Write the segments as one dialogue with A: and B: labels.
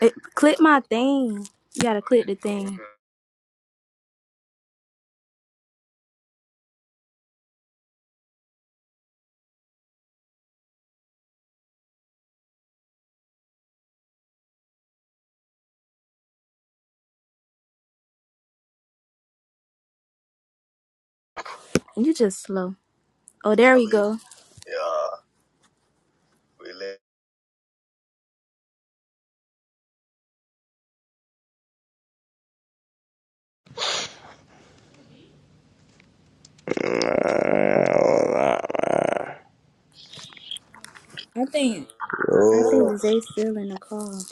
A: It, click my thing. You gotta click the thing. You just slow. Oh, there we go.
B: Yo,
A: I think I think Zay's still in the call.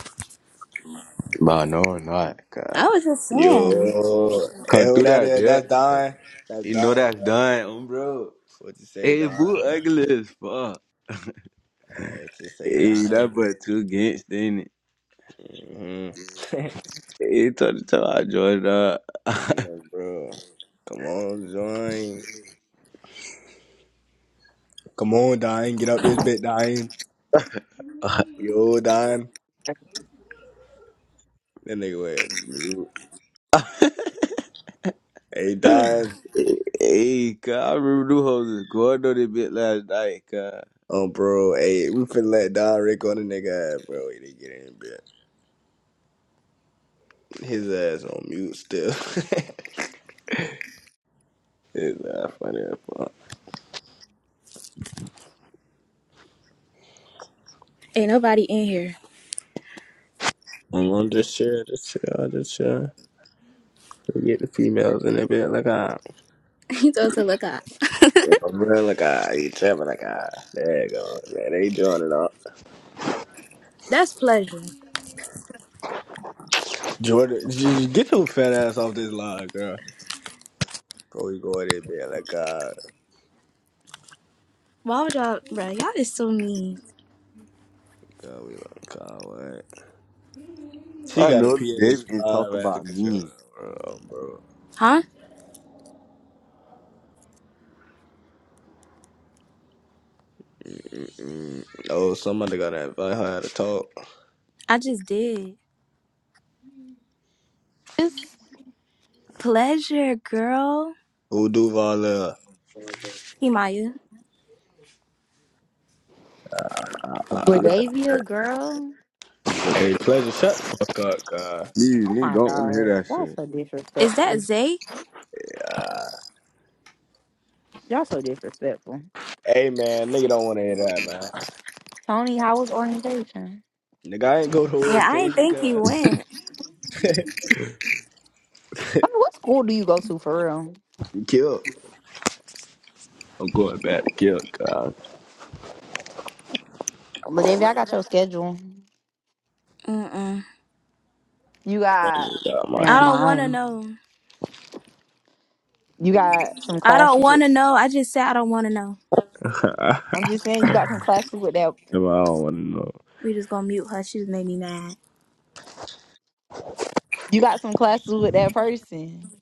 C: Nah, no, I'm not.
A: I
C: God.
A: was just saying,
B: yo, hey,
C: Come
B: who
C: through
B: that
C: that,
B: is? That's
C: bitch.
B: Don. That's
C: You know
B: Don right
C: that's
B: now.
C: done, um, bro.
B: What you say,
C: Hey, boo,
B: Don?
C: ugly as fuck.
B: I just say
C: Hey,
B: Don.
C: that but too against, ain't it?
B: hmm
C: Hey, tell the time I joined up.
B: no, bro. Come on, Don. Come on, Don. Get out this bit, Don. Yo, Don. That nigga went mute. Hey, Don.
C: Hey, cuz, I remember them hoes was going on that bit last night, cuz.
B: Oh, bro. Hey, we finna let Don Rick on the nigga, ass, bro. He didn't get in bit. His ass on mute still. His ass funny. as fuck.
A: ain't nobody in here.
B: I'm on this shit, this shit, all this shit. We get the females in the bed like ah,
A: He told us to look up.
B: bro like ah, each other like ah. There you go, man. They joining up.
A: That's pleasure.
B: Jordan, j- j- get your fat ass off this line, girl. Before we go in there, bed like ah,
A: Why would y'all, bro? Y'all is so mean,
B: girl. we like God. What? She
C: I
B: got a
C: know the David can talk
B: PS5 as a
C: about
B: controller,
C: me.
B: bro. bro.
A: huh?
B: Mm-mm. Oh, somebody gotta invite her how to talk.
A: I just did.
D: This
A: Pleasure, girl.
B: Who do Vala?
A: Himaya,
C: Come
B: Uh,
C: through that,
D: Bradavia
C: bitch.
D: girl.
C: Look,
B: hey, pleasure. Shut the fuck up, God.
C: please,
D: Oh
C: nigga,
D: my
C: don't want to
D: god.
C: hear that
D: Y'all so
A: is
D: disrespectful.
A: that Zay?
B: God.
D: Y'all so disrespectful.
B: Hey, man, nigga don't want to hear that, man.
D: Tony, how was orientation?
B: Nigga, I ain't go to
A: Yeah, I didn't
B: orientation,
A: think he
B: cuz.
A: went.
D: Tony, what school do you go to for real?
B: I'm killed. I'm going back to kill, cuz.
D: Ladavia, I got your schedule.
A: Mm mm.
D: You
B: I
D: got
B: ain't got my
D: never
A: I
B: shit.
A: don't wanna
D: mind.
A: know.
D: You got some
A: I don't
D: classes with
A: wanna know. I just said I don't wanna know.
B: I
D: I'm just saying you got some classes with that
B: don't want to know.
A: We just gonna mute her. She just made me mad.
D: you got some classes with that person.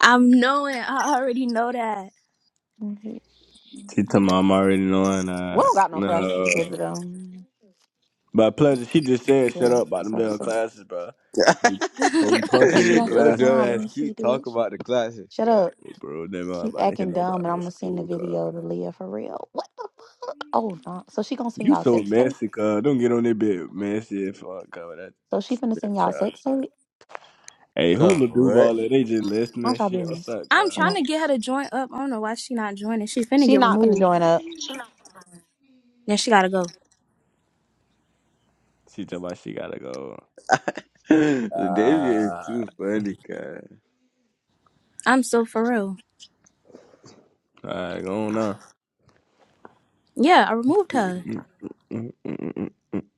A: I'm knowing. I already know that.
D: Mhm.
B: She
D: We
B: told me I'm already knowing uh
D: don't got no classes
B: No.
D: together though.
B: But plus, she just said
D: Yeah,
B: shut up about
D: What's
B: them
D: up,
B: damn
D: so.
B: classes, bro. We, before we punch
D: What
B: in
D: she
B: your
C: shit.
D: done
C: Yo,
D: said
B: glasses,
D: now? Let
B: bro.
D: me
C: dumbass,
D: see,
C: keep talking
D: bitch.
C: about the classes,
D: Shut up.
C: cuz.
B: Hey, Bro, they not
D: Keep
B: about to hit
D: acting dumb,
B: nobody
D: and
B: no
D: I'm gonna send the
B: school, cuz.
D: video to Leah for real. What the fuck? Oh no! So she gonna send
B: You
D: y'all
B: so
D: sex tape?
B: messy, cuz. Don't get on that bit messy and fuck, cuz. That,
D: So she finna send
B: that
D: y'all
B: child
D: sex
B: shit.
D: tape?
B: Hey,
C: Cuz,
B: Hula
C: what?
B: Duval, they just listening
D: How's
B: and
D: y'all
B: shit.
D: doing
B: What's
D: this?
B: up,
A: I'm
B: cuz?
D: Come
A: trying
D: on.
A: to get her to join up. I don't know why she not joining. She finna
D: She
A: get
D: not finna
A: removed.
D: join up.
A: Now she gotta go.
B: She told me she gotta go.
C: The David is
B: Ah,
C: too funny, cuz.
A: I'm so for real.
B: right, go on now.
A: Yeah, I removed her.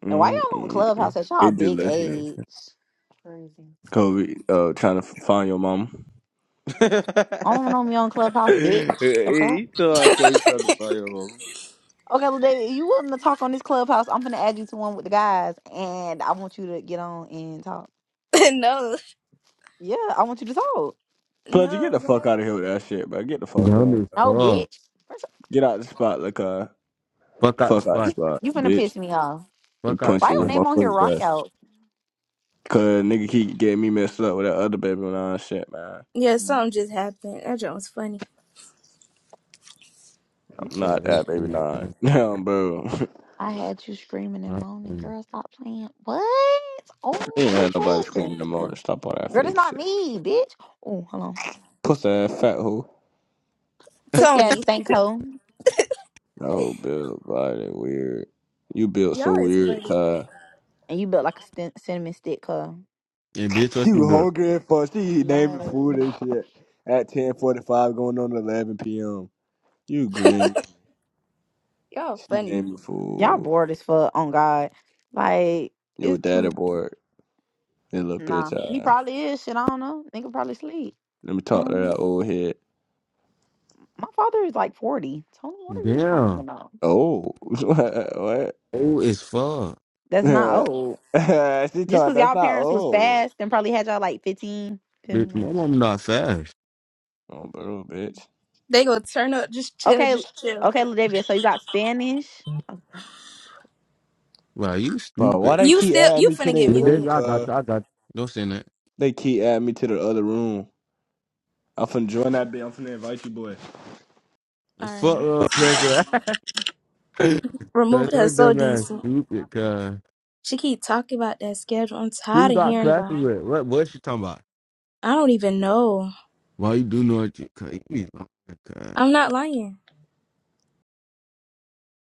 D: And why y'all on Clubhouse at y'all
B: It just
D: big
B: left me.
D: age? Crazy.
B: Kobe, uh, trying to f- find your mom.
C: he
D: I don't know me on Clubhouse, bitch. The fuck?
C: he thought I coach on the fire home.
D: Okay, well, David, you willing to talk on this Clubhouse? I'm finna add you to one with the guys, and I want you to get on and talk.
A: no,
D: Yeah, I want you to talk.
B: Plus, you get
A: no,
B: the
A: bro.
B: fuck out of here with that shit, bro. Get the fuck
C: Dumb
B: on.
C: as
D: No,
C: fuck.
D: bitch. First,
B: Get out the spot like a
C: Fuck out the
B: fuck out the
C: spot.
D: you
B: spot,
D: you finna
B: bitch.
D: piss me off.
B: We
C: Fuck out the
D: Why
B: punching
D: your
B: your
C: spot.
D: name on here?
B: motherfucking
D: Rock
B: glass.
D: out.
B: Cause nigga keep getting me messed up with that other baby nine shit, man.
A: Yeah, something just happened. That joke was funny.
C: You
B: I'm
C: say
B: not
C: everything.
B: that baby
C: like
B: nine.
C: that.
B: Damn, bro.
D: I had you screaming and
C: Not
D: moaning.
C: funny.
D: Girl, stop playing. What?
B: we
D: Oh,
B: don't
D: she
B: nobody screaming
D: tripping.
B: no more. Stop all that
D: Girl, that's
B: fake
D: not
B: shit.
D: me, bitch. Oh, hold on.
B: Pussy ass fat hoe.
D: Pussy ass
A: Tony,
D: stank hoe.
B: Oh, Bill Biden, weird. You built so
A: y'all is
B: weird,
A: funny.
B: Kai.
D: And you built like a stin- cinnamon stick hoe.
C: Yeah, bitch, what
B: She
C: you
B: was
C: do?
B: hungry at first. She naming
D: Like,
B: food and shit at ten forty five, going on eleven p.m. You green.
A: Y'all
B: She
A: funny.
B: named me
D: y'all
B: for
D: bored as fuck, on God. Like,
B: your
D: it's
B: daddy
D: too.
B: boy and little bitch.
D: Nah. He
B: Uh,
D: probably is. Shit, I don't know. Nigga probably sleep.
B: let me talk to that
D: Um,
B: old head.
D: my father is like 40. Tony, what are you talking
C: Damn.
D: about?
B: Oh, what?
C: Oh, it's fuck.
D: That's not old.
B: What? she
D: Just
B: told
D: because
B: that's
D: y'all
B: not
D: parents was
B: old.
D: fast and probably had y'all like 15. Feel me?
C: Bitch,
D: Like,
C: my mom not fast.
B: Oh, bro, bitch.
A: They gonna turn up. Just chill.
D: Okay,
A: Just chill.
D: okay, Ladavia. So you got Spanish. Okay.
C: Wow, you
B: But why
C: stupid.
B: they
A: You
B: keep
A: still.
B: adding
A: You
B: me to
A: finna
B: their
A: get
C: But
B: room,
C: then
A: muted.
C: I got
B: cuz?
C: you. I got you. Don't say that.
B: They keep adding me to the other room. I'm finna join that bitch. I'm finna invite you, boy.
A: All
C: Fuck
A: right.
C: up, pleasure. Cause
A: Removed her
C: her
A: so
C: dumb ass
A: decent.
C: stupid, cuz.
A: She keep talking about that schedule. I'm
C: Who
A: tired
C: you
A: of
C: got
A: hearing about. it.
C: classes with? What What she talking about?
A: I don't even know.
C: Why you do know what you cuz? You be lying, cuz.
A: I'm not lying.